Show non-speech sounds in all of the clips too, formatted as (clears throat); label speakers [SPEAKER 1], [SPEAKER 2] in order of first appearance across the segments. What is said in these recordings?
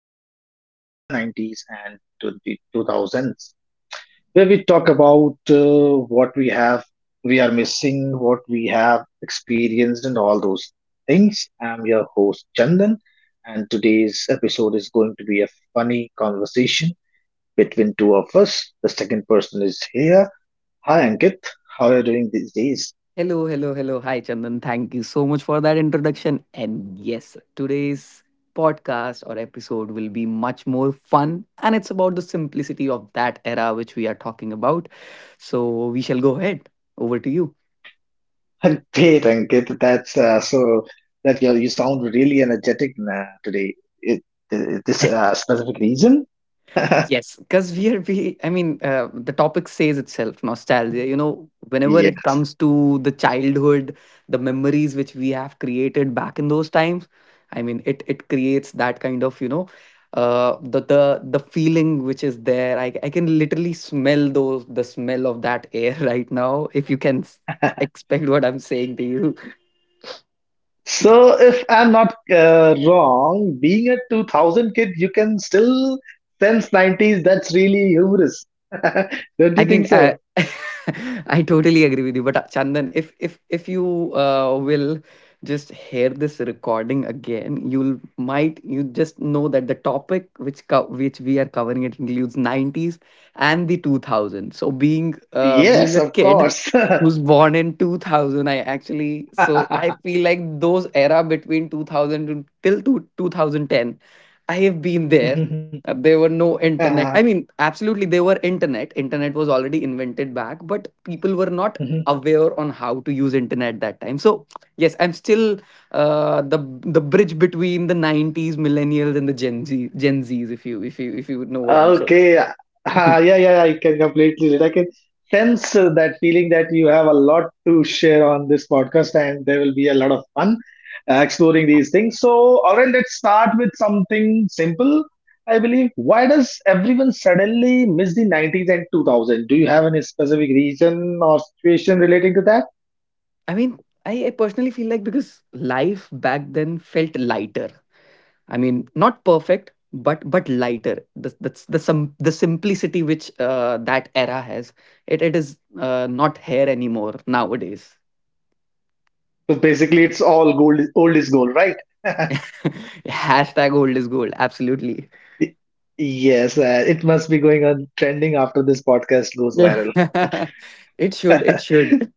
[SPEAKER 1] of Nostalgia 90s and 2000s, where we talk about what we have, we are missing, what we have experienced, and all those things. I'm your host, Chandan, and today's episode is going to be a funny conversation between two of us. The second person is here. Hi, Ankit. How are you doing these days?
[SPEAKER 2] Hello, hello, hello. Hi, Chandan. Thank you so much for that introduction. And yes, today's podcast or episode will be much more fun. And it's about the simplicity of that era which we are talking about. So we shall go ahead. Over to you.
[SPEAKER 1] (laughs) Great, Ankit. That's so that you sound really energetic today. It, this specific reason? (laughs)
[SPEAKER 2] Yes, because we are we. The topic says itself, nostalgia. You know, whenever it
[SPEAKER 1] Yes.
[SPEAKER 2] comes to the childhood, the memories which we have created back in those times, I mean, it creates that kind of, you know, the feeling which is there. I can literally smell those the smell of that air (laughs) right now. If you can s-
[SPEAKER 1] (laughs)
[SPEAKER 2] expect what I'm saying to you.
[SPEAKER 1] So if I'm not wrong, being a 2000 kid, you can still sense 90s. That's really humorous. (laughs) Don't
[SPEAKER 2] I
[SPEAKER 1] you think
[SPEAKER 2] mean, uh,
[SPEAKER 1] so?
[SPEAKER 2] (laughs) I totally agree with you. But Chandan, if you will just hear this recording again, you just know that the topic which which we are covering it includes nineties and the 2000s. So being
[SPEAKER 1] Yes,
[SPEAKER 2] a
[SPEAKER 1] of
[SPEAKER 2] kid
[SPEAKER 1] course. (laughs)
[SPEAKER 2] who's born in 2000, I actually, so I
[SPEAKER 1] (laughs)
[SPEAKER 2] feel like those era between 2000 to, till 2010 I have been there. There were no internet. I mean, absolutely, there were internet. Internet was already invented back, but people were not
[SPEAKER 1] Mhm. (laughs)
[SPEAKER 2] aware on how to use internet that time. So yes, I'm still the bridge between the '90s millennials and the Gen Zs. If you if you if you know what I'm
[SPEAKER 1] Okay.
[SPEAKER 2] saying.
[SPEAKER 1] Ah,
[SPEAKER 2] (laughs)
[SPEAKER 1] yeah, yeah, I can completely relate. I can sense that feeling that you have a lot to share on this podcast, and there will be a lot of fun exploring these things. So, all right, let's start with something simple, I believe. Why does everyone suddenly miss the 90s and 2000? Do you have any specific reason or situation relating to that?
[SPEAKER 2] I mean, I personally feel like because life back then felt lighter. I mean, not perfect, but lighter. The That's the simplicity which that era has. It is not here anymore nowadays.
[SPEAKER 1] So basically, it's all gold. Old is gold, right? (laughs)
[SPEAKER 2] (laughs) Hashtag old is gold. Absolutely.
[SPEAKER 1] Y- Yes, it must be going on trending after this podcast
[SPEAKER 2] (laughs)
[SPEAKER 1] goes viral.
[SPEAKER 2] It should. It
[SPEAKER 1] (laughs) (laughs)
[SPEAKER 2] should.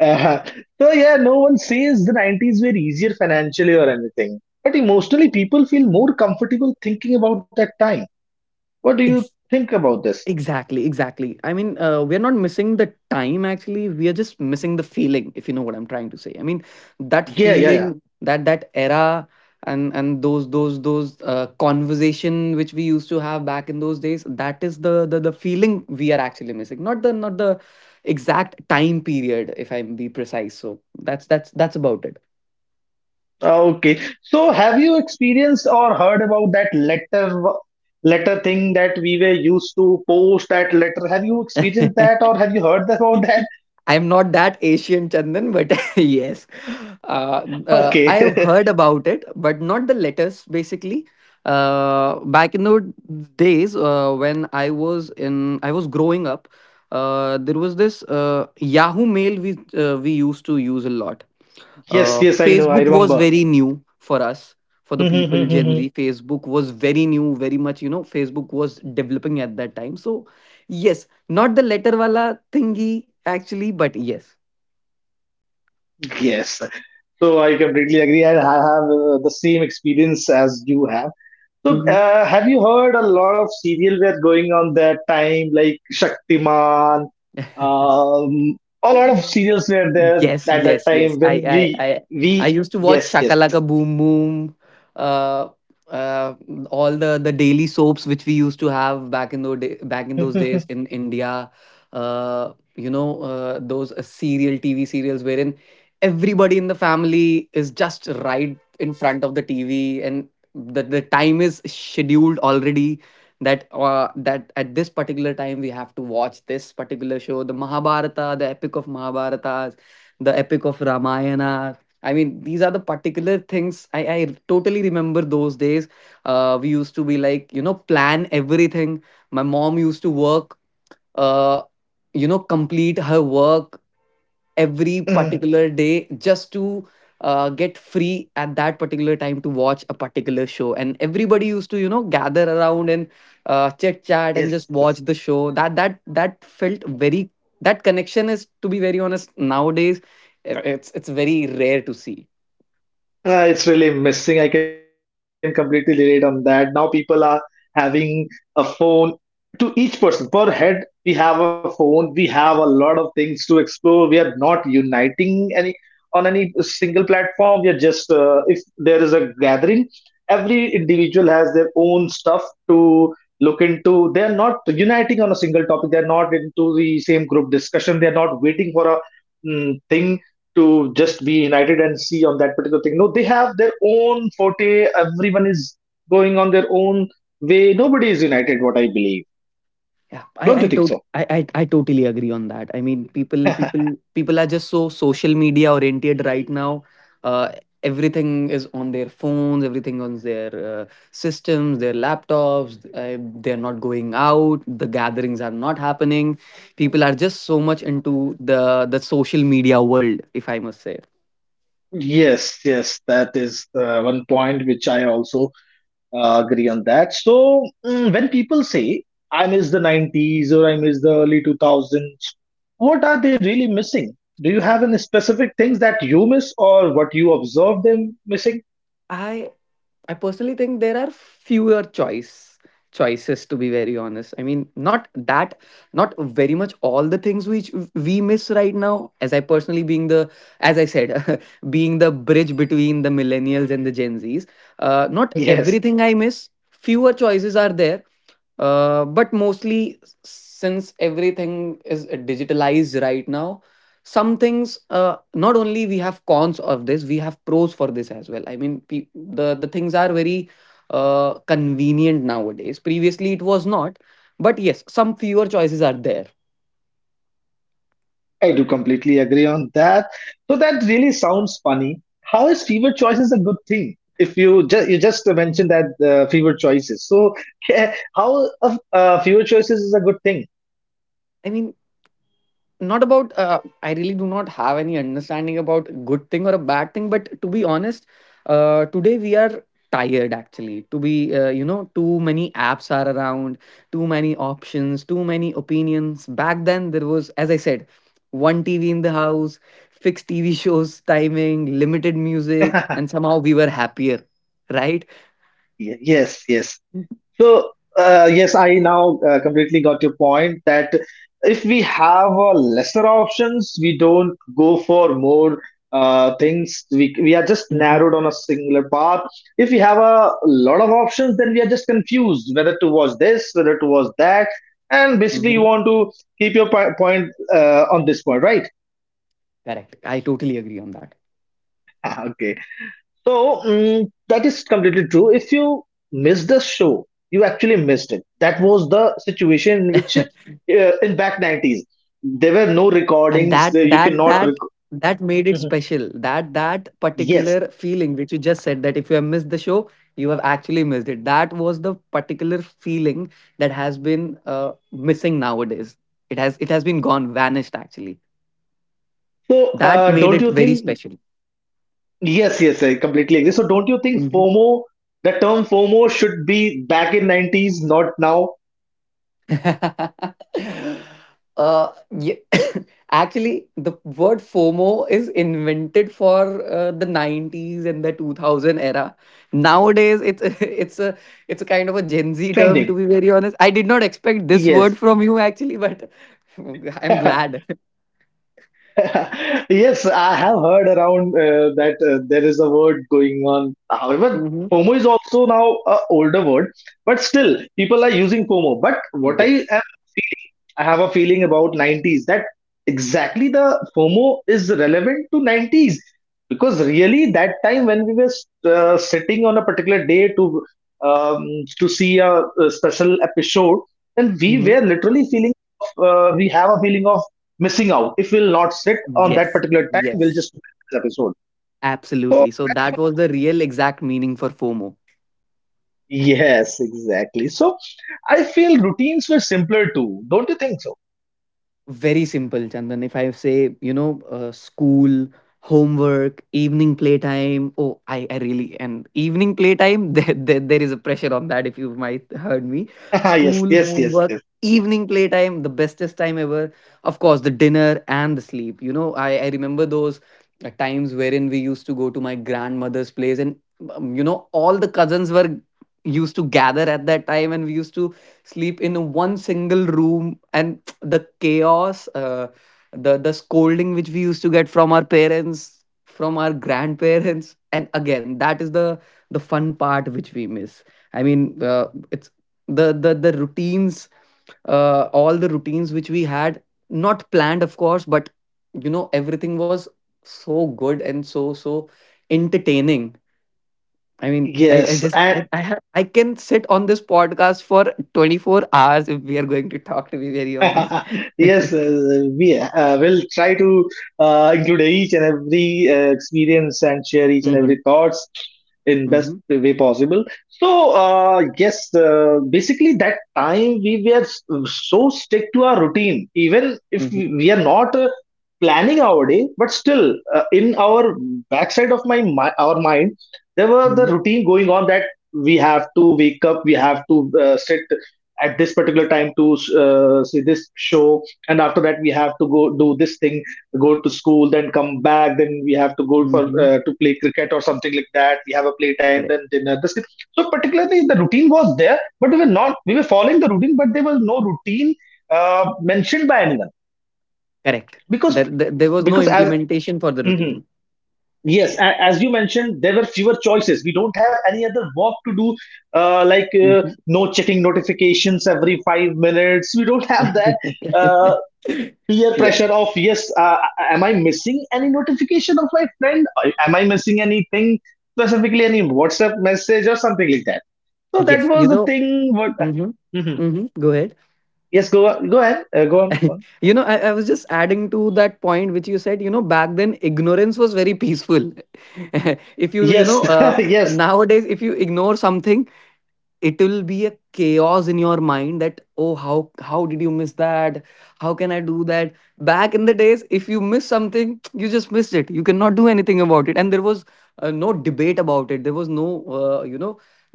[SPEAKER 1] Uh, so yeah, no one says the 90s were easier financially or anything, but emotionally people feel more comfortable thinking about that time. What do you
[SPEAKER 2] (laughs)
[SPEAKER 1] think about this?
[SPEAKER 2] Exactly, exactly. We're not missing the time actually. We are just missing the feeling, if you know what I'm trying to say. I mean, that
[SPEAKER 1] Yeah, yeah, yeah.
[SPEAKER 2] feeling, that era, and those conversation which we used to have back in those days. That is the feeling we are actually missing. Not the, not the exact time period, if I be precise. So that's about
[SPEAKER 1] Okay. So have you experienced or heard about that letter thing that we were used to post that letter? Have you experienced
[SPEAKER 2] it.
[SPEAKER 1] that
[SPEAKER 2] (laughs)
[SPEAKER 1] or have you heard about that?
[SPEAKER 2] I'm not that Asian, Chandan, but (laughs) yes, uh, I have
[SPEAKER 1] Okay.
[SPEAKER 2] heard
[SPEAKER 1] (laughs)
[SPEAKER 2] about it, but not the letters. Basically, back in the days when I was in, I was growing up. There was this Yahoo Mail we used to use a lot.
[SPEAKER 1] Yes, yes, I know. I
[SPEAKER 2] Facebook was
[SPEAKER 1] remember.
[SPEAKER 2] very new for us, for the people Gen
[SPEAKER 1] (laughs)
[SPEAKER 2] Z. Facebook was very new, very much, you know, Facebook was developing at that time. So, yes, not the letter wala thingy actually, but yes.
[SPEAKER 1] Yes. So I completely agree, and I have the same experience as you have. So,
[SPEAKER 2] Mm-hmm.
[SPEAKER 1] have you heard a lot of serial were going on that time, like Shaktiman? Um, a lot of
[SPEAKER 2] (laughs)
[SPEAKER 1] serials were there
[SPEAKER 2] Yes,
[SPEAKER 1] at that
[SPEAKER 2] yes, yes.
[SPEAKER 1] time
[SPEAKER 2] I
[SPEAKER 1] when
[SPEAKER 2] I
[SPEAKER 1] we
[SPEAKER 2] I I
[SPEAKER 1] we
[SPEAKER 2] used to watch
[SPEAKER 1] Yes, yes.
[SPEAKER 2] Shakalaka Boom Boom, uh, uh, all the daily soaps which we used to have back in those day, back
[SPEAKER 1] (laughs)
[SPEAKER 2] in those
[SPEAKER 1] Yes,
[SPEAKER 2] days in India. You know, those serial TV serials wherein everybody in the family is just right in front of the TV, and the time is scheduled already. That at this particular time we have to watch this particular show, the Mahabharata, the epic of Mahabharata, the epic of Ramayana. I mean, these are the particular things I totally remember those days. We used to be like, you know, plan everything. My mom used to work, uh, you know, complete her work every particular day just to get free at that particular time to watch a particular show, and everybody used to, you know, gather around and chit chat and
[SPEAKER 1] yes.
[SPEAKER 2] just watch the show. That that felt very, that connection is, to be very honest, nowadays it's very rare to see.
[SPEAKER 1] It's really missing. I can completely relate on that. Now people are having a phone to each person per head. We have a phone. We have a lot of things to explore. We are not uniting any on any single platform. We are just, if there is a gathering, every individual has their own stuff to look into. They are not uniting on a single topic. They are not into the same group discussion. They are not waiting for a thing to just be united and see on that particular thing. No, they have their own forte. Everyone is going on their own way. Nobody is united, what I believe.
[SPEAKER 2] Yeah, i
[SPEAKER 1] Don't
[SPEAKER 2] i
[SPEAKER 1] you think
[SPEAKER 2] tot-
[SPEAKER 1] so?
[SPEAKER 2] I, I i totally agree on that. I mean, people are just so social media oriented right now. uh Everything is on their phones, everything on their systems, their laptops, uh, they're not going out. The gatherings are not happening. People are just so much into the social media world, if I must say.
[SPEAKER 1] Yes, yes, that is one point which I also agree on that. So when people say I miss the 90s or I miss the early 2000s, what are they really missing? Do you have any specific things that you miss or what you observe them missing?
[SPEAKER 2] I I personally think there are fewer choices, to be very honest. Not very much all the things which we miss right now. As I personally, being as I said, (laughs) being the bridge between the millennials and the Gen Zs. Not
[SPEAKER 1] Yes.
[SPEAKER 2] everything I miss. Fewer choices are there, but mostly since everything is digitalized right now, some things, not only we have cons of this, we have pros for this as well. I mean, the things are very convenient nowadays, previously it was not. But yes, some fewer choices are there.
[SPEAKER 1] I do completely agree on that. So that really sounds funny. How is fever choices a good thing? If you just mentioned that fever choices, so (laughs) how fever choices is a good thing?
[SPEAKER 2] i mean I really do not have any understanding about good thing or a bad thing, but to be honest, today we are tired actually. To be you know, too many apps are around, too many options, too many opinions. Back then there was, as I said, one TV in the house, fixed TV (laughs) shows, timing, limited music, and
[SPEAKER 1] (laughs)
[SPEAKER 2] somehow we were happier, right?
[SPEAKER 1] Yes, yes. So, yes, I now completely got your point that if we have lesser options, we don't go for more things. We are just
[SPEAKER 2] Mm-hmm.
[SPEAKER 1] narrowed on a singular path. If we have a lot of options, then we are just confused whether to watch this, whether to watch that. And basically, you
[SPEAKER 2] Mm-hmm.
[SPEAKER 1] want to keep your point on this point, right?
[SPEAKER 2] Correct, I totally agree on that.
[SPEAKER 1] (laughs) Okay. So that is completely true. If you miss the show, you actually missed it. That was the situation in which,
[SPEAKER 2] (laughs)
[SPEAKER 1] in back 90s there were no
[SPEAKER 2] And
[SPEAKER 1] recordings. There you cannot.
[SPEAKER 2] that made it
[SPEAKER 1] Mhm.
[SPEAKER 2] special. That that
[SPEAKER 1] Yes.
[SPEAKER 2] particular feeling which you just said, that if you have missed the show, you have actually missed it. That was the particular feeling that has been missing nowadays. It has been gone, vanished actually.
[SPEAKER 1] So
[SPEAKER 2] That made
[SPEAKER 1] don't
[SPEAKER 2] it
[SPEAKER 1] you
[SPEAKER 2] very
[SPEAKER 1] think?
[SPEAKER 2] special.
[SPEAKER 1] Yes, yes, I completely agree. So don't you think
[SPEAKER 2] Mm-hmm.
[SPEAKER 1] FOMO, the term FOMO, should be back in 90s, not now
[SPEAKER 2] (laughs) uh, yeah. (coughs) Actually, the word FOMO is invented for the 90s and the 2000 era. Nowadays, it's (laughs) it's a, it's a kind of a Gen Z term. To
[SPEAKER 1] trending?
[SPEAKER 2] be very honest, I did not expect this
[SPEAKER 1] Yes.
[SPEAKER 2] word from you actually, but (laughs) I'm
[SPEAKER 1] (laughs)
[SPEAKER 2] glad.
[SPEAKER 1] (laughs) Yes, I have heard around that there is a word going on. However,
[SPEAKER 2] Mhm.
[SPEAKER 1] FOMO is also now a older word, but still people are using FOMO. But what I
[SPEAKER 2] Yes.
[SPEAKER 1] am feeling, I have a feeling about 90s that exactly the FOMO is relevant to 90s because really that time when we were sitting on a particular day to, um, to see a special episode, then we were
[SPEAKER 2] Mhm.
[SPEAKER 1] literally feeling of we have a feeling of missing out. If we'll not sit on that
[SPEAKER 2] Yes.
[SPEAKER 1] particular time, we'll
[SPEAKER 2] Yes.
[SPEAKER 1] just miss this episode.
[SPEAKER 2] Absolutely.
[SPEAKER 1] So
[SPEAKER 2] So
[SPEAKER 1] that (laughs)
[SPEAKER 2] that was
[SPEAKER 1] was.
[SPEAKER 2] the real exact meaning for FOMO.
[SPEAKER 1] Yes, exactly. So I feel routines were simpler too. Don't you think so?
[SPEAKER 2] Very simple, Chandan. If I say, you know, school, homework, evening playtime, oh, I really, and evening playtime, (laughs) there is a pressure on that if you might (laughs) heard me.
[SPEAKER 1] (laughs) Yes,
[SPEAKER 2] School,
[SPEAKER 1] yes, yes,
[SPEAKER 2] homework,
[SPEAKER 1] yes.
[SPEAKER 2] evening playtime, the bestest time ever. Of course, the dinner and the sleep. You know, I remember those times wherein we used to go to my grandmother's place and, you know, all the cousins were used to gather at that time, and we used to sleep in one single room, and the chaos, the scolding which we used to get from our parents, from our grandparents, (laughs) and again, that is the fun part which we miss. I mean, it's the routines, all the routines which we had, not planned, of course, but you know, everything was so good and so entertaining. I mean, I
[SPEAKER 1] Yes,
[SPEAKER 2] just
[SPEAKER 1] and
[SPEAKER 2] I, ha- I can sit on this podcast for 24 hours if we are going to talk, to be very honest.
[SPEAKER 1] (laughs)
[SPEAKER 2] (laughs)
[SPEAKER 1] Yes, we will try to include each and every experience and share each and
[SPEAKER 2] Mhm,
[SPEAKER 1] every thoughts in best
[SPEAKER 2] mhm,
[SPEAKER 1] way possible. So yes, basically that time we were so stick to our routine, even if
[SPEAKER 2] mhm,
[SPEAKER 1] we are not planning our day, but still in our backside of my, my our mind, there were the
[SPEAKER 2] mhm,
[SPEAKER 1] routine going on that we have to wake up, we have to sit at this particular time to see this show, and after that we have to go do this thing, go to school, then come back, then we have to go for,
[SPEAKER 2] mhm.
[SPEAKER 1] to play cricket or something like that. We have a playtime,
[SPEAKER 2] Correct,
[SPEAKER 1] then dinner, this thing. So particularly the routine was there, but we were not, we were following the routine, but there was no routine mentioned by anyone
[SPEAKER 2] correct.
[SPEAKER 1] because
[SPEAKER 2] There was no
[SPEAKER 1] because as.
[SPEAKER 2] implementation for the
[SPEAKER 1] Mhm.
[SPEAKER 2] routine.
[SPEAKER 1] Yes, as you mentioned, there were fewer choices. We don't have any other work to do, like
[SPEAKER 2] Mhm.
[SPEAKER 1] no checking notifications every 5 minutes. We don't have that uh,
[SPEAKER 2] (laughs)
[SPEAKER 1] peer pressure
[SPEAKER 2] Yes,
[SPEAKER 1] of, yes, am I missing any notification of my friend? Am I missing anything, specifically any WhatsApp message or something like that? So that
[SPEAKER 2] yes. You
[SPEAKER 1] was the
[SPEAKER 2] know,
[SPEAKER 1] thing. What?
[SPEAKER 2] mhm,
[SPEAKER 1] Mhm.
[SPEAKER 2] mhm, go ahead.
[SPEAKER 1] Yes, go on, go ahead. Go on. Go on.
[SPEAKER 2] (laughs) You know, I was just adding to that point which you said, you know, back then ignorance was very peaceful. (laughs) If you, you
[SPEAKER 1] Yes,
[SPEAKER 2] know,
[SPEAKER 1] (laughs) yes,
[SPEAKER 2] nowadays, if you ignore something, it will be a chaos in your mind, that, oh, how did you miss that, how can I do that. Back in the days, if you miss something, you just missed it, you cannot do anything about it, and there was no debate about it, there was no, you know,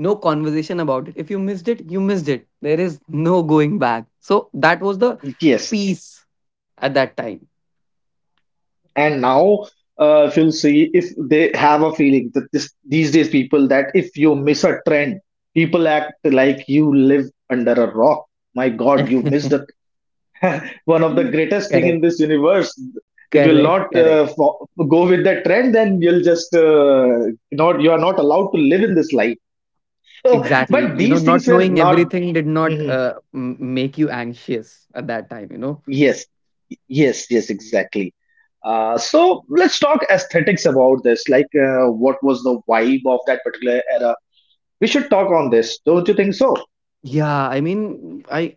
[SPEAKER 2] no conversation about it. If you missed it, you missed it, there is no going back. So that was the
[SPEAKER 1] yes.
[SPEAKER 2] peace at that time.
[SPEAKER 1] And now, if you'll see, if they have a feeling that this these days people that if you miss a trend, people act like you live under a rock. My god, you missed the
[SPEAKER 2] (laughs)
[SPEAKER 1] one of the greatest thing in
[SPEAKER 2] Correct,
[SPEAKER 1] this universe. If you'll
[SPEAKER 2] correct,
[SPEAKER 1] not,
[SPEAKER 2] correct.
[SPEAKER 1] go with that trend, then you'll just, not, you are not allowed to live in this life. So,
[SPEAKER 2] Exactly.
[SPEAKER 1] but
[SPEAKER 2] You know,
[SPEAKER 1] these things
[SPEAKER 2] not
[SPEAKER 1] were
[SPEAKER 2] knowing
[SPEAKER 1] not.
[SPEAKER 2] everything did
[SPEAKER 1] (laughs)
[SPEAKER 2] not make you anxious at that time, you know.
[SPEAKER 1] Yes, yes, yes, exactly. So let's talk aesthetics about this. Like, what was the vibe of that particular era? We should talk on this, don't you think so?
[SPEAKER 2] Yeah, I mean, I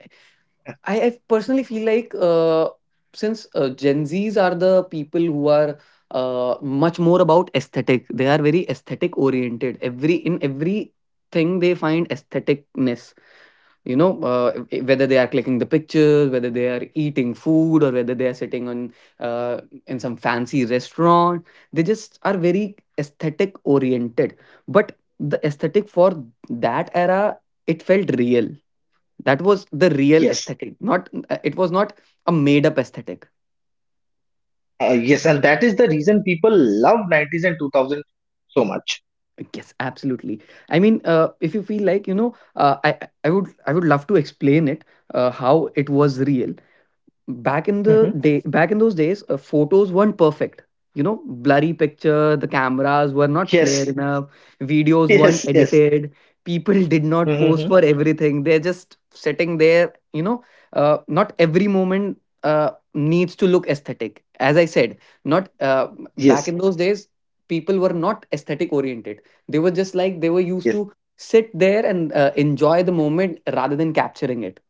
[SPEAKER 2] I I personally feel like, since Gen Zs are the people who are much more about aesthetic. They are very aesthetic oriented. Every in everything they find aestheticness. you know uh, Whether they are clicking the pictures, whether they are eating food, or whether they are sitting on uh, in some fancy restaurant, they just are very aesthetic oriented. But the aesthetic for that era, it felt real. That was the real
[SPEAKER 1] Yes,
[SPEAKER 2] aesthetic, not it was not a made up aesthetic.
[SPEAKER 1] yes, and that is the reason people love 90s and 2000 so much.
[SPEAKER 2] Yes, absolutely. I mean, if you feel like I would, I would love to explain it how it was real.
[SPEAKER 1] Hmm.
[SPEAKER 2] Back in those days, photos weren't perfect, you know. Blurry picture, the cameras were not clear
[SPEAKER 1] Yes,
[SPEAKER 2] enough,
[SPEAKER 1] (laughs)
[SPEAKER 2] videos weren't
[SPEAKER 1] yes, yes,
[SPEAKER 2] edited, people (laughs) did not post
[SPEAKER 1] hmm,
[SPEAKER 2] for everything. They're just sitting there, not every moment needs to look aesthetic. As I said, not
[SPEAKER 1] yes,
[SPEAKER 2] back in those days people were not aesthetic oriented. They were just like they were used
[SPEAKER 1] yes,
[SPEAKER 2] to sit there and enjoy the moment rather than capturing it.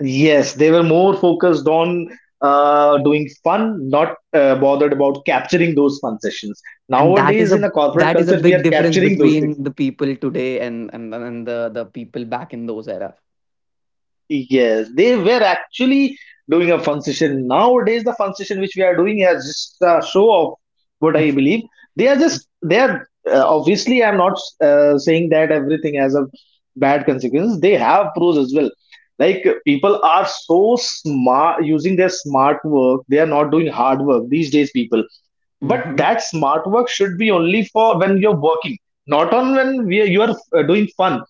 [SPEAKER 1] yes. They were more focused on doing fun, not bothered about capturing those fun sessions.
[SPEAKER 2] And
[SPEAKER 1] Nowadays, in a corporate
[SPEAKER 2] that is a
[SPEAKER 1] culture, we
[SPEAKER 2] big
[SPEAKER 1] are
[SPEAKER 2] difference
[SPEAKER 1] capturing those.
[SPEAKER 2] between the people today and the people back in those era.
[SPEAKER 1] Yes, they were actually doing a fun session. Nowadays, the fun session which we are doing is just a show of what I believe. They are
[SPEAKER 2] (laughs)
[SPEAKER 1] just,
[SPEAKER 2] It's,
[SPEAKER 1] they are obviously. I'm not saying that everything has a bad consequence. They have pros as well. Like, people are so smart using their smart work. They are not doing hard work these days. People but
[SPEAKER 2] hmm.
[SPEAKER 1] that smart work should be only for when you're working, not on when you are doing fun.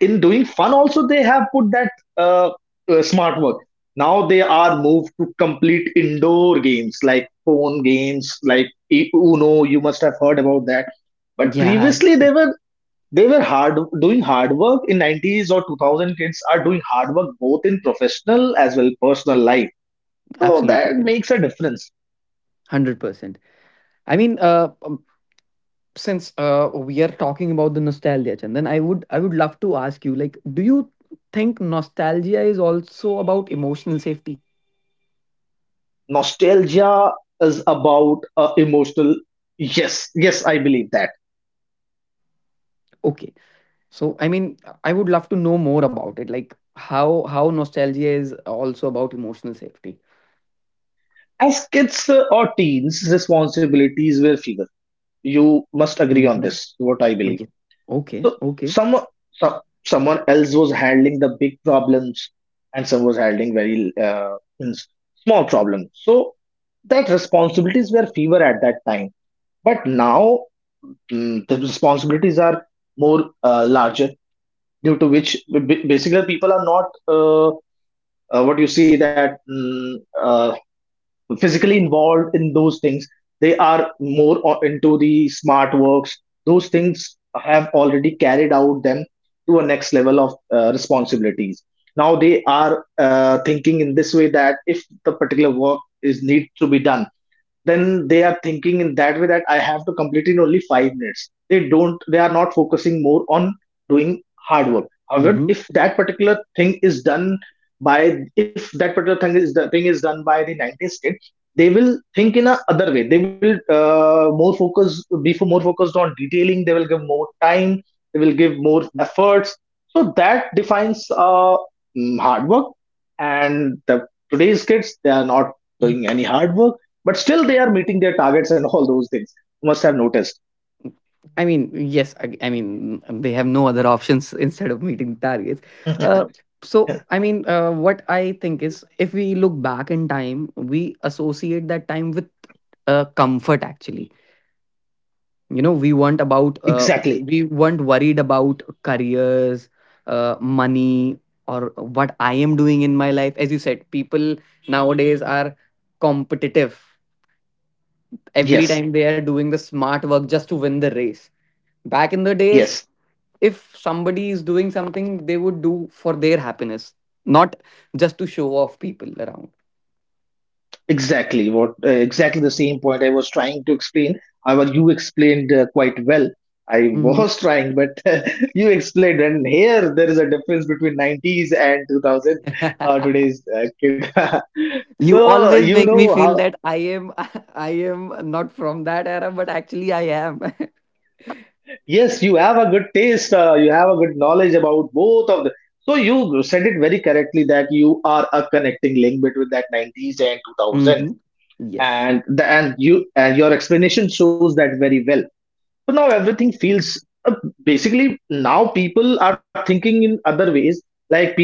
[SPEAKER 1] In doing fun also they have put that uh, smart work. Now they are moved to complete indoor games, like phone games like Uno, you must have heard about that. But
[SPEAKER 2] Yeah,
[SPEAKER 1] previously they were hard doing hard work in 90s or 2000. Kids are doing hard work both in professional as well personal life, so
[SPEAKER 2] absolutely
[SPEAKER 1] that
[SPEAKER 2] good.
[SPEAKER 1] makes a difference.
[SPEAKER 2] 100%. I mean, since we are talking about the nostalgia, Chandan, I would love to ask you, like, do you think nostalgia is also about emotional safety?
[SPEAKER 1] Nostalgia is about emotional. Yes, yes, I believe that.
[SPEAKER 2] Okay. So, I mean, I would love to know more about it, like how nostalgia is also about emotional safety.
[SPEAKER 1] As kids, or teens, responsibilities were fewer, you must agree on
[SPEAKER 2] Mm-hmm.
[SPEAKER 1] this, what I believe.
[SPEAKER 2] Okay. Okay.
[SPEAKER 1] So
[SPEAKER 2] Okay.
[SPEAKER 1] some, someone else was handling the big problems, and some was handling very, means small problems. So that responsibilities were fewer at that time, but now, the responsibilities are more larger, due to which, basically people are not, what you see, that uh, physically involved in those things. They are more into the smart works. Those things have already carried out them to a next level of responsibilities. Now they are thinking in this way that if the particular work is need to be done, then they are thinking in that way that I have to complete in only 5 minutes. They don't. They are not focusing more on doing hard work. However,
[SPEAKER 2] Mm-hmm.
[SPEAKER 1] if that particular thing is done by, if that particular thing is the thing is done by the 90s kid, they will think in a other way. They will more focus, be for more focused on detailing. They will give more time. They will give more efforts. So that defines hard work. And the today's kids, they are not doing any hard work, but still they are meeting their targets and all those things you must have noticed.
[SPEAKER 2] I mean, yes, I mean, they have no other options (laughs) instead of meeting targets.
[SPEAKER 1] (laughs)
[SPEAKER 2] Uh, so, I mean, what I think is if we look back in time, we associate that time with comfort actually. You know, we weren't about,
[SPEAKER 1] Exactly.
[SPEAKER 2] we weren't worried about careers, money, or what I am doing in my life. As you said, people nowadays are competitive. Every
[SPEAKER 1] Yes,
[SPEAKER 2] time they are doing the smart work just to win the race. Back in the days,
[SPEAKER 1] yes,
[SPEAKER 2] if somebody is doing something they would do for their happiness, not just to show off people around.
[SPEAKER 1] exactly what exactly the same point I was trying to explain. However, you explained quite well. I
[SPEAKER 2] Mhm.
[SPEAKER 1] was (laughs) trying, but (laughs) you explained, and here there is a difference between 90s and 2000,
[SPEAKER 2] (laughs)
[SPEAKER 1] today's kid. (laughs)
[SPEAKER 2] You
[SPEAKER 1] So
[SPEAKER 2] always
[SPEAKER 1] you
[SPEAKER 2] make me
[SPEAKER 1] know
[SPEAKER 2] feel
[SPEAKER 1] how.
[SPEAKER 2] that I am (laughs) I am not from that era, but actually I am. (laughs)
[SPEAKER 1] Yes, you have a good taste. You have a good knowledge about both of the. So you said it very correctly that you are a connecting link between that 90s and 2000,
[SPEAKER 2] Hmm. Yes.
[SPEAKER 1] and you and your explanation shows that very well. So now everything feels basically now people are thinking in other ways. Like people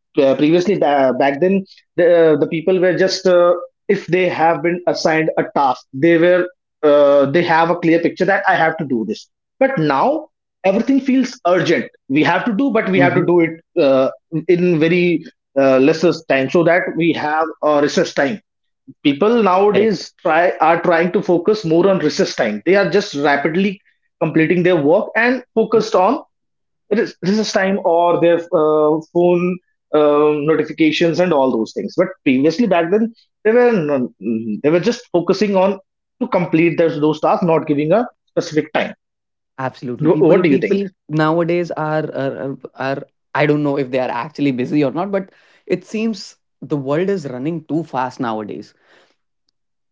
[SPEAKER 1] previously back then, the, the people were just if they have been assigned a task, they were they have a clear picture that I have to do this. But now everything feels urgent. We have to do, but we have to
[SPEAKER 2] Hmm.
[SPEAKER 1] do it in very lesser time so that we have a recess time. People
[SPEAKER 2] Correct.
[SPEAKER 1] nowadays try are trying to focus more on recess time. They are just rapidly completing their work and
[SPEAKER 2] Mhm.
[SPEAKER 1] focused on recess time or their phone notifications and all those things. But previously back then they were they were just focusing on to complete those tasks, not giving a specific time.
[SPEAKER 2] Absolutely. people
[SPEAKER 1] What do you think?
[SPEAKER 2] people nowadays are, are, I don't know if they are actually busy or not, but it seems the world is running too fast nowadays,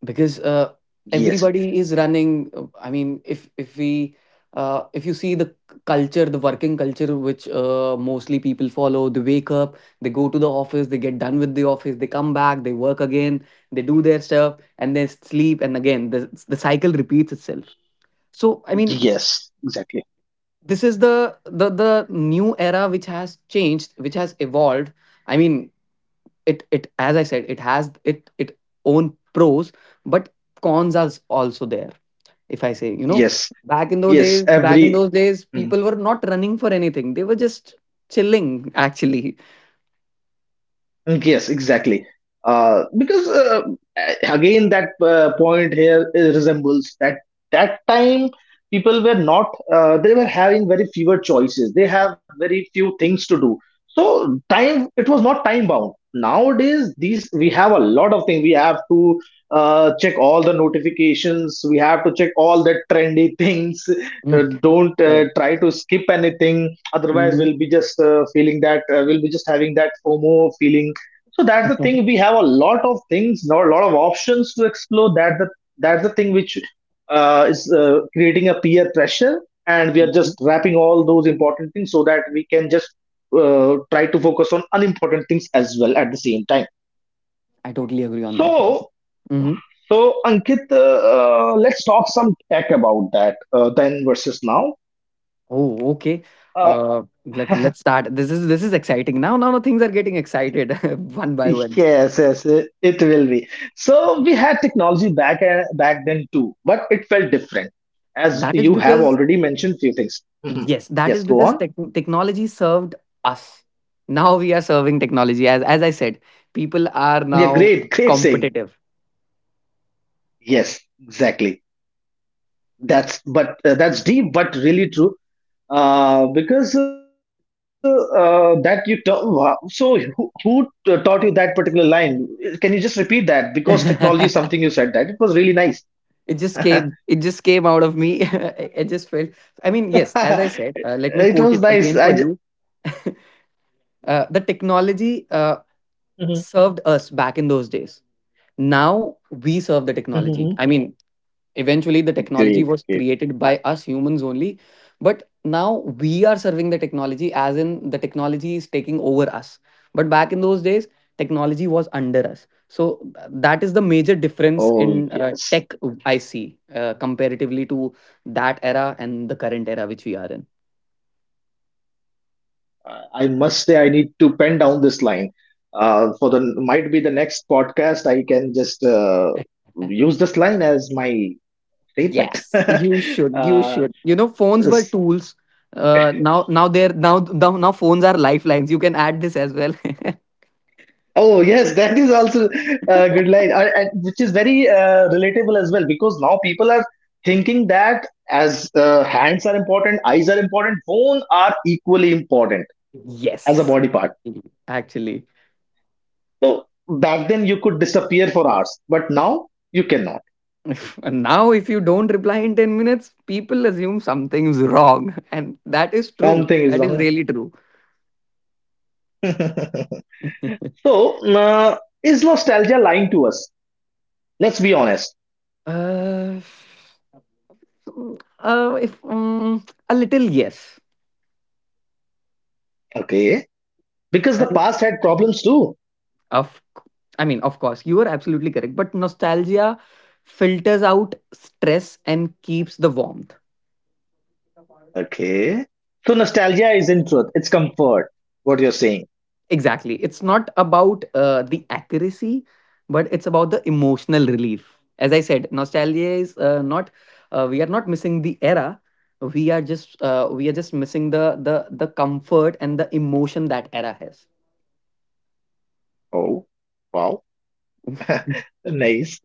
[SPEAKER 2] because
[SPEAKER 1] Yes,
[SPEAKER 2] everybody is running. I mean, if we if you see the culture, the working culture which mostly people follow, they wake up, they go to the office, they get done with the office, they come back, they work again, they do their stuff, and then sleep, and again the cycle repeats itself. So I mean,
[SPEAKER 1] yes, exactly.
[SPEAKER 2] this is the new era which has changed, which has evolved. I mean, it as I said, it has, it own pros, but cons are also there. If I say, you know,
[SPEAKER 1] Yes, yes,
[SPEAKER 2] back in
[SPEAKER 1] every.
[SPEAKER 2] those days people were not running for anything. They were just chilling, actually.
[SPEAKER 1] Mm, yes, exactly. Because Again, that point here resembles that that time, people were not they were having very fewer choices. They have very few things to do. So time it was not time bound. Nowadays, these we have a lot of things. We have to check all the notifications. We have to check all the trendy (laughs) things. Uh,
[SPEAKER 2] Mm.
[SPEAKER 1] don't uh,
[SPEAKER 2] Correct.
[SPEAKER 1] try to skip anything. Otherwise,
[SPEAKER 2] Mhm.
[SPEAKER 1] we'll be just feeling that we'll be just having that FOMO feeling. So that's the thing. We have a lot of things, not a lot of options to explore. That's the thing which is creating a peer pressure, and we are just
[SPEAKER 2] (laughs)
[SPEAKER 1] wrapping all those important things so that we can just try to focus on unimportant things as well at the same time.
[SPEAKER 2] I totally agree on that.
[SPEAKER 1] So
[SPEAKER 2] Mm-hmm.
[SPEAKER 1] so Ankit, let's talk some tech about that. Then versus now.
[SPEAKER 2] Oh, okay.
[SPEAKER 1] Uh,
[SPEAKER 2] Uh,
[SPEAKER 1] (laughs)
[SPEAKER 2] let's start. This is, this is exciting. Now, now things are getting excited (laughs) one by
[SPEAKER 1] Yeah,
[SPEAKER 2] one.
[SPEAKER 1] yes, yes, it will be. So
[SPEAKER 2] Okay.
[SPEAKER 1] we had technology back back then too, but it felt different. As
[SPEAKER 2] That is
[SPEAKER 1] you have
[SPEAKER 2] because,
[SPEAKER 1] already mentioned few things. Mhm.
[SPEAKER 2] yes, that
[SPEAKER 1] Yes,
[SPEAKER 2] is
[SPEAKER 1] go
[SPEAKER 2] because
[SPEAKER 1] on.
[SPEAKER 2] technology served us. Now we are serving technology. As I said, people are
[SPEAKER 1] Yeah,
[SPEAKER 2] now
[SPEAKER 1] great, great saying.
[SPEAKER 2] competitive.
[SPEAKER 1] Yes, exactly. That's but that's deep, but really true. Because That you wow. So who taught you that particular line? Can you just repeat that? Because
[SPEAKER 2] (laughs)
[SPEAKER 1] technology is something
[SPEAKER 2] It
[SPEAKER 1] you said that it was really nice. (laughs)
[SPEAKER 2] just came. It just came out of me. (laughs) I just felt. I mean, yes. As I said, let me
[SPEAKER 1] It
[SPEAKER 2] quote
[SPEAKER 1] was
[SPEAKER 2] it
[SPEAKER 1] nice.
[SPEAKER 2] again
[SPEAKER 1] I
[SPEAKER 2] for
[SPEAKER 1] just.
[SPEAKER 2] you. (laughs) Uh, the technology served us back in those days. Now we serve the technology. I mean, eventually the
[SPEAKER 1] Great,
[SPEAKER 2] technology was
[SPEAKER 1] great. Uh,
[SPEAKER 2] created by us humans only. But now we are serving the technology, as in the technology is taking over us. But back in those days technology was under us. So that is the major difference
[SPEAKER 1] Oh
[SPEAKER 2] in
[SPEAKER 1] yes,
[SPEAKER 2] tech I see, comparatively to that era and the current era which we are in.
[SPEAKER 1] I must say I need to pen down this line. For the might be the next podcast, I can just
[SPEAKER 2] (laughs)
[SPEAKER 1] use this line as my statement. (laughs)
[SPEAKER 2] Yes, you should. You
[SPEAKER 1] uh,
[SPEAKER 2] should. You know, phones
[SPEAKER 1] s-
[SPEAKER 2] were tools. Now, now they're now now now phones are lifelines. You can add this as well. (laughs)
[SPEAKER 1] oh yes, (laughs) that is also a good line, and which is very relatable as well because now people are thinking that as hands are important, eyes are important, phone are equally important as a
[SPEAKER 2] Yes,
[SPEAKER 1] body part.
[SPEAKER 2] actually.
[SPEAKER 1] So back then you could disappear for hours, but now you cannot.
[SPEAKER 2] (laughs) And now, if you don't reply in 10 minutes, people assume something's wrong, (laughs) and that is true.
[SPEAKER 1] Something is
[SPEAKER 2] That is
[SPEAKER 1] wrong.
[SPEAKER 2] really true.
[SPEAKER 1] (laughs)
[SPEAKER 2] (laughs)
[SPEAKER 1] So is nostalgia lying to us? Let's be honest.
[SPEAKER 2] uh, so, if a little yes.
[SPEAKER 1] Okay. Because the past had problems too.
[SPEAKER 2] Of, c- I mean, of course, you are absolutely correct. But nostalgia filters out stress and keeps the warmth.
[SPEAKER 1] Okay. So nostalgia is in truth. It's comfort. What you're saying.
[SPEAKER 2] Exactly. It's not about the accuracy, but it's about the emotional relief. As I said, nostalgia is not. We are not missing the era. We are just, we are just missing the comfort and the emotion that era has.
[SPEAKER 1] Oh, wow. (laughs) Nice.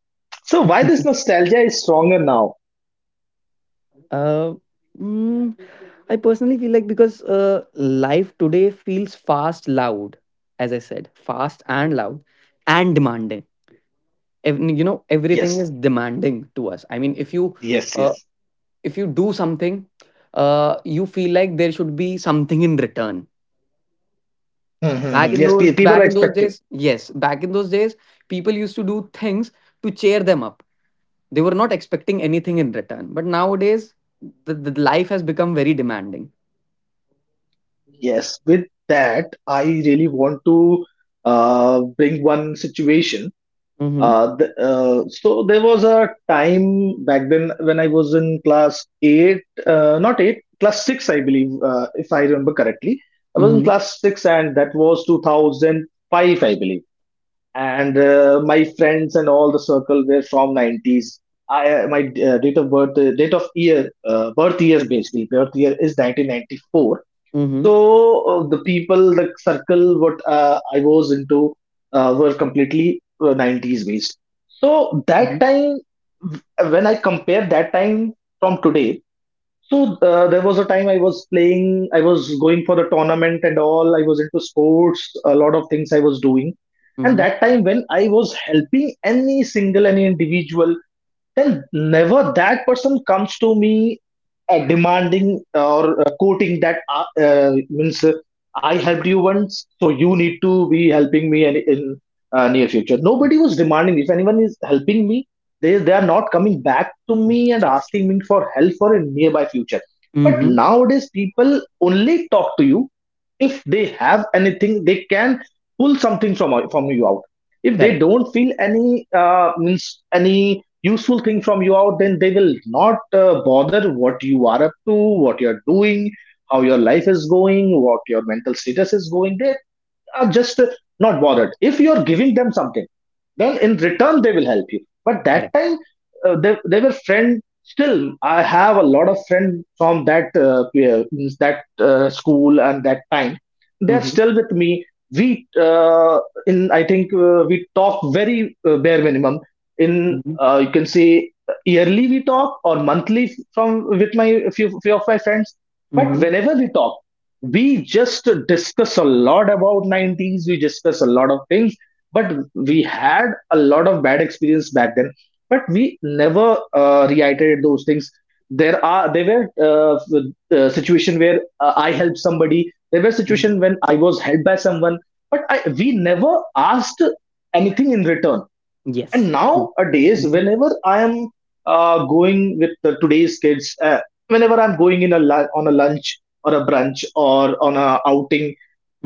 [SPEAKER 1] So why this
[SPEAKER 2] (laughs)
[SPEAKER 1] nostalgia is stronger now?
[SPEAKER 2] Uh, mm, I personally feel like because life today feels fast, loud, as I said, fast and loud and demanding. You know, everything is
[SPEAKER 1] Yes.
[SPEAKER 2] demanding to us. I mean,
[SPEAKER 1] Yes,
[SPEAKER 2] uh,
[SPEAKER 1] yes. (laughs)
[SPEAKER 2] if you do something, you feel like there should be something in return.
[SPEAKER 1] Mhm, mhm. Yes, people
[SPEAKER 2] Back
[SPEAKER 1] are
[SPEAKER 2] in those
[SPEAKER 1] expecting.
[SPEAKER 2] days, yes, back in those days, people used to do things to cheer them up. They were not expecting anything in return. But nowadays, the life has become very demanding.
[SPEAKER 1] Yes, with that, I really want to bring one situation.
[SPEAKER 2] Mm-hmm.
[SPEAKER 1] So there was a time back then when I was in class eight, not eight, class six, I believe, if I remember correctly. I was in
[SPEAKER 2] Mhm.
[SPEAKER 1] class six, and that was 2005, I believe. And my friends and all the circle were from 90s. I, my date of birth, date of year, birth year basically, birth year is 1994. So
[SPEAKER 2] Mhm.
[SPEAKER 1] the people, the circle, what I was into, were completely 90s based. So that
[SPEAKER 2] Mhm.
[SPEAKER 1] time, w- when I compare that time from today, so there was a time I was playing, I was going for the tournament and all. I was into sports, a lot of things I was doing. And
[SPEAKER 2] Mhm.
[SPEAKER 1] that time when I was helping any single, any individual, then never that person comes to me demanding or quoting that means I helped you once, so you need to be helping me in near future. Nobody was demanding. If anyone is helping me, they are not coming back to
[SPEAKER 2] Mm.
[SPEAKER 1] me and
[SPEAKER 2] Yes.
[SPEAKER 1] asking me for help for a nearby future. But
[SPEAKER 2] Mhm.
[SPEAKER 1] nowadays, people only talk to you if they have anything. They can pull something from you out. If they
[SPEAKER 2] Correct.
[SPEAKER 1] don't feel any means any useful thing from you out, then they will not bother what you are up to, what you're doing, how your life is going, what your mental status is going. They are just not bothered. If you're giving them something, then in return they will help you. But that
[SPEAKER 2] Correct.
[SPEAKER 1] time they were friend. Still I have a lot of friends from that means that school, and that time they're
[SPEAKER 2] Mhm.
[SPEAKER 1] still with me. We in I think we talk very bare minimum. In
[SPEAKER 2] Mhm.
[SPEAKER 1] You can say yearly we talk or monthly from with my few of my friends. But
[SPEAKER 2] Mhm.
[SPEAKER 1] whenever we talk, we just discuss a lot about 90s, we discuss a lot of things. But we had a lot of bad experience back then, but we never reiterated those things. There were situation where I helped somebody. There were
[SPEAKER 2] Mhm.
[SPEAKER 1] situation when I was helped by someone, but we never asked anything in return. And
[SPEAKER 2] Yes. True.
[SPEAKER 1] nowadays,
[SPEAKER 2] Mhm.
[SPEAKER 1] whenever I am going with the today's kids, whenever I'm going in a on a lunch or a brunch or on a outing,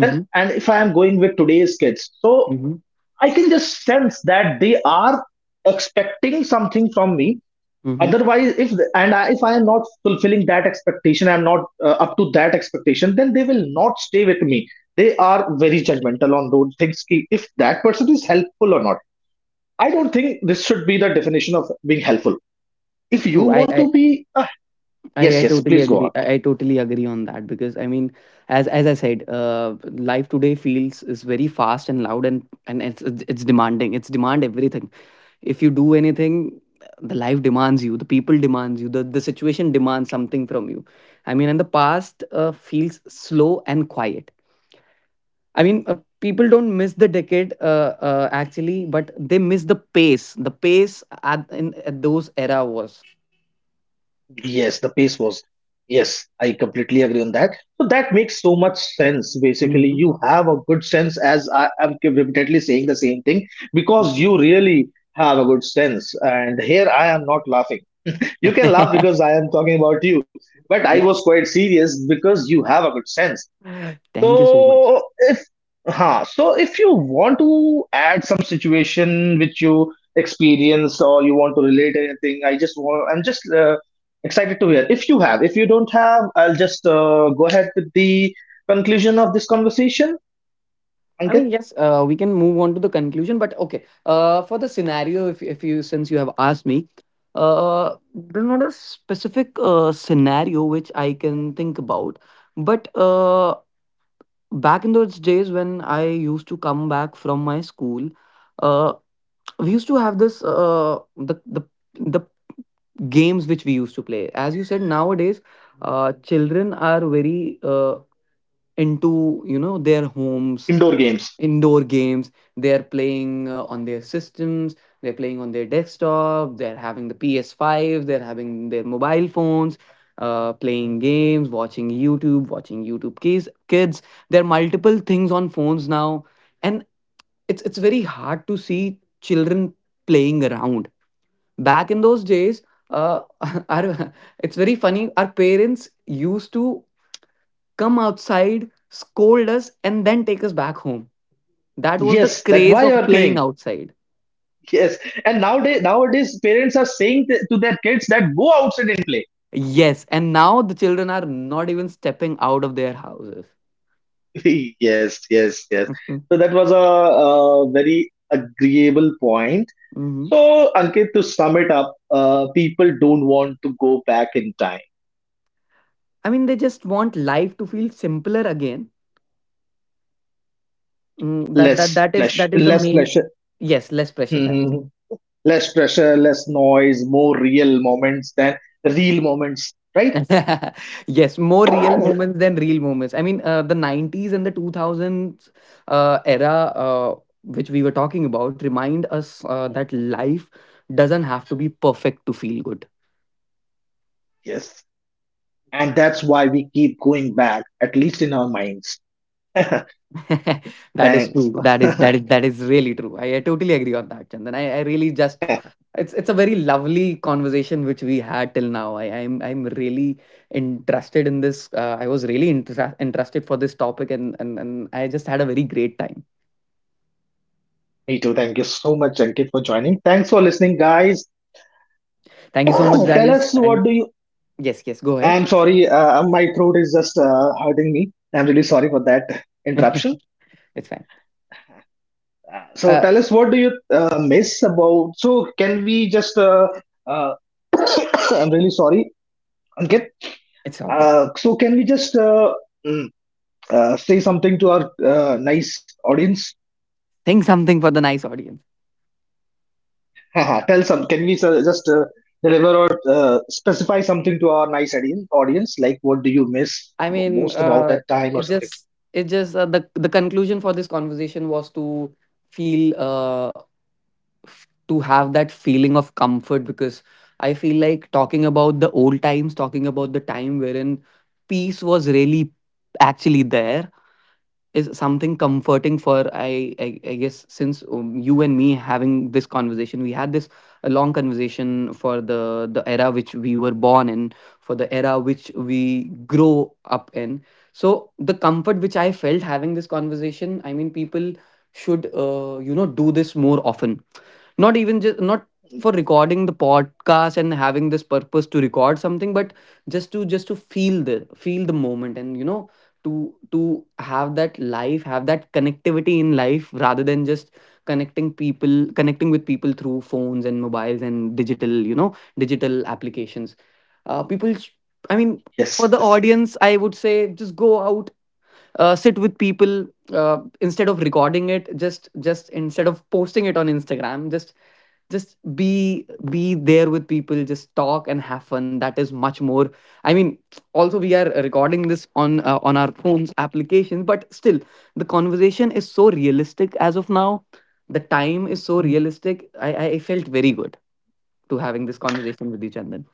[SPEAKER 1] and if I am going with today's kids, so
[SPEAKER 2] Mhm.
[SPEAKER 1] I can just sense that they are expecting something from me.
[SPEAKER 2] Mhm.
[SPEAKER 1] Otherwise, if I am not fulfilling that expectation, I'm not up to that expectation, then they will not stay with me. They are very judgmental on those things ki if that person is helpful or not. I don't think this should be the definition of being helpful. If you
[SPEAKER 2] True.
[SPEAKER 1] want to be uh, yes,
[SPEAKER 2] I
[SPEAKER 1] yes,
[SPEAKER 2] totally
[SPEAKER 1] please go.
[SPEAKER 2] agree. I totally agree on that. Because I mean, as I said, life today feels is very fast and loud, and it's it's demanding. It's demand everything. If you do anything, the life demands you. The people demands you. The situation demands something from you. I mean, and the past feels slow and quiet. I mean, people don't miss the decade actually, but they miss the pace. The pace at those era was.
[SPEAKER 1] Yes, the pace was. Yes, I completely agree on that. So that makes so much sense. Basically,
[SPEAKER 2] Mhm.
[SPEAKER 1] you have a good sense, as I am repeatedly saying the same thing, because you really have a good sense. And here I am not laughing. You can laugh
[SPEAKER 2] (laughs)
[SPEAKER 1] because I am talking about you, but I was
[SPEAKER 2] Yes.
[SPEAKER 1] quite serious because you have a good sense.
[SPEAKER 2] (laughs) Thank you so much.
[SPEAKER 1] So if huh, so if you want to add some situation which you experience or you want to relate anything, I just want I'm just excited to hear. If you have, if you don't have, I'll just go ahead with the conclusion of this conversation.
[SPEAKER 2] I mean,
[SPEAKER 1] Ankit,
[SPEAKER 2] yes, we can move on to the conclusion, but okay. For the scenario, if you, since you have asked me, there's not a specific scenario which I can think about, but back in those days when I used to come back from my school, uh, we used to have this the games which we used to play. As you said, nowadays, children are very into, you know, their homes,
[SPEAKER 1] indoor games.
[SPEAKER 2] indoor games. They're playing on their systems, they're playing on their desktop, they're having the PS5, they're having their mobile phones, playing games, watching YouTube kids. There are multiple things on phones now. And it's very hard to see children playing around. Back in those days, uh, (laughs) our, it's very funny, our parents used to come outside, scold us, and then take us back home. That was the
[SPEAKER 1] Yes, that's
[SPEAKER 2] craze
[SPEAKER 1] why you
[SPEAKER 2] of
[SPEAKER 1] are
[SPEAKER 2] playing
[SPEAKER 1] playing. (laughs)
[SPEAKER 2] outside.
[SPEAKER 1] Yes, and nowadays parents are saying to their kids that go outside and play.
[SPEAKER 2] Yes, and now the children are not even stepping out of their houses.
[SPEAKER 1] (laughs) Yes, yes, yes.
[SPEAKER 2] Mhm,
[SPEAKER 1] So that was a very agreeable point.
[SPEAKER 2] mhm.
[SPEAKER 1] So, Ankit, to sum it up, people don't want to go back in time.
[SPEAKER 2] I mean, they just want life to feel simpler again. Mm, that that that is, that is the
[SPEAKER 1] Less
[SPEAKER 2] main.
[SPEAKER 1] pleasure,
[SPEAKER 2] Yes, less pressure. Actually.
[SPEAKER 1] mhm, less pressure, less noise, more real moments than real moments, right?
[SPEAKER 2] (laughs) Yes, more real moments than real moments. I mean, the '90s and the 2000s era, uh, which we were talking about, remind us that life doesn't have to be perfect to feel good.
[SPEAKER 1] Yes. And that's why we keep going back, at least in our minds. (laughs)
[SPEAKER 2] (laughs) That is
[SPEAKER 1] Thanks.
[SPEAKER 2] true. That is,
[SPEAKER 1] (laughs)
[SPEAKER 2] that is really true. I totally agree on that, Chandan. I really just, it's a very lovely conversation which we had till now. I, I'm really interested in this. I was really interested for this topic, and, and I just had a very great time.
[SPEAKER 1] Me too. Thank you so much, Ankit, for joining. Thanks for listening, guys.
[SPEAKER 2] Thank you so much,
[SPEAKER 1] (clears throat) Tell
[SPEAKER 2] guys.
[SPEAKER 1] us
[SPEAKER 2] And
[SPEAKER 1] what do you.
[SPEAKER 2] yes, yes, go ahead.
[SPEAKER 1] I'm sorry, my throat is just hurting me. I'm really sorry for that interruption.
[SPEAKER 2] (laughs) It's fine.
[SPEAKER 1] So
[SPEAKER 2] Uh,
[SPEAKER 1] tell us, what do you miss about? So can we just? Uh, (coughs) (clears throat) I'm really sorry, Ankit.
[SPEAKER 2] it's all good.
[SPEAKER 1] So can we just mm, say something to our nice audience?
[SPEAKER 2] Think something for the nice audience.
[SPEAKER 1] (laughs) Haha, tell some. Can we just deliver or specify something to our nice audience? Like, what do you miss
[SPEAKER 2] I mean,
[SPEAKER 1] most about that time
[SPEAKER 2] it
[SPEAKER 1] or something?
[SPEAKER 2] just it just the conclusion for this conversation was to feel to have that feeling of comfort. Because I feel like talking about the old times, talking about the time wherein peace was really actually there, is something comforting. For, I guess, since you and me having this conversation, we had this a long conversation for the era which we were born in, for the era which we grow up in. So the comfort which I felt having this conversation, I mean, people should, you know, do this more often. Not even just not for recording the podcast and having this purpose to record something, but just to, just to feel the moment, and, you know, to have that life, have that connectivity in life rather than just connecting with people through phones and mobiles and digital, you know, digital applications. Uh, people sh- I mean for
[SPEAKER 1] Yes,
[SPEAKER 2] the
[SPEAKER 1] yes.
[SPEAKER 2] audience I would say just go out, sit with people, instead of recording it, just instead of posting it on Instagram, just be there with people, just talk and have fun. That is much more. I mean, also, we are recording this on our phones application, but still the conversation is so realistic as of now. The time is so realistic. I felt very good to having this conversation with you, Chandan.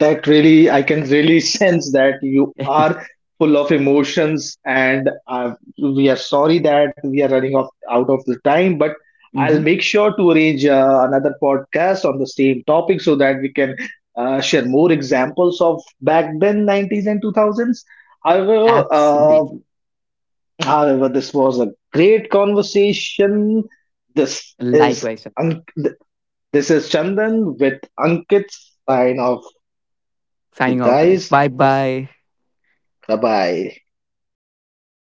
[SPEAKER 1] That really I can really (laughs) sense that you are full of emotions, and we are sorry that we are running off out of the time. But
[SPEAKER 2] (laughs)
[SPEAKER 1] I'll
[SPEAKER 2] Mm-hmm.
[SPEAKER 1] make sure to arrange another podcast on the same topic so that we can share more examples of back then 90s and 2000s. however uh,
[SPEAKER 2] Absolutely.
[SPEAKER 1] However, this was a great conversation. this is
[SPEAKER 2] Likewise, Chandan.
[SPEAKER 1] An- th- this is Chandan with Ankit, sign off, you
[SPEAKER 2] Signing off, guys.
[SPEAKER 1] guys.
[SPEAKER 2] Bye bye.
[SPEAKER 1] Bye-bye.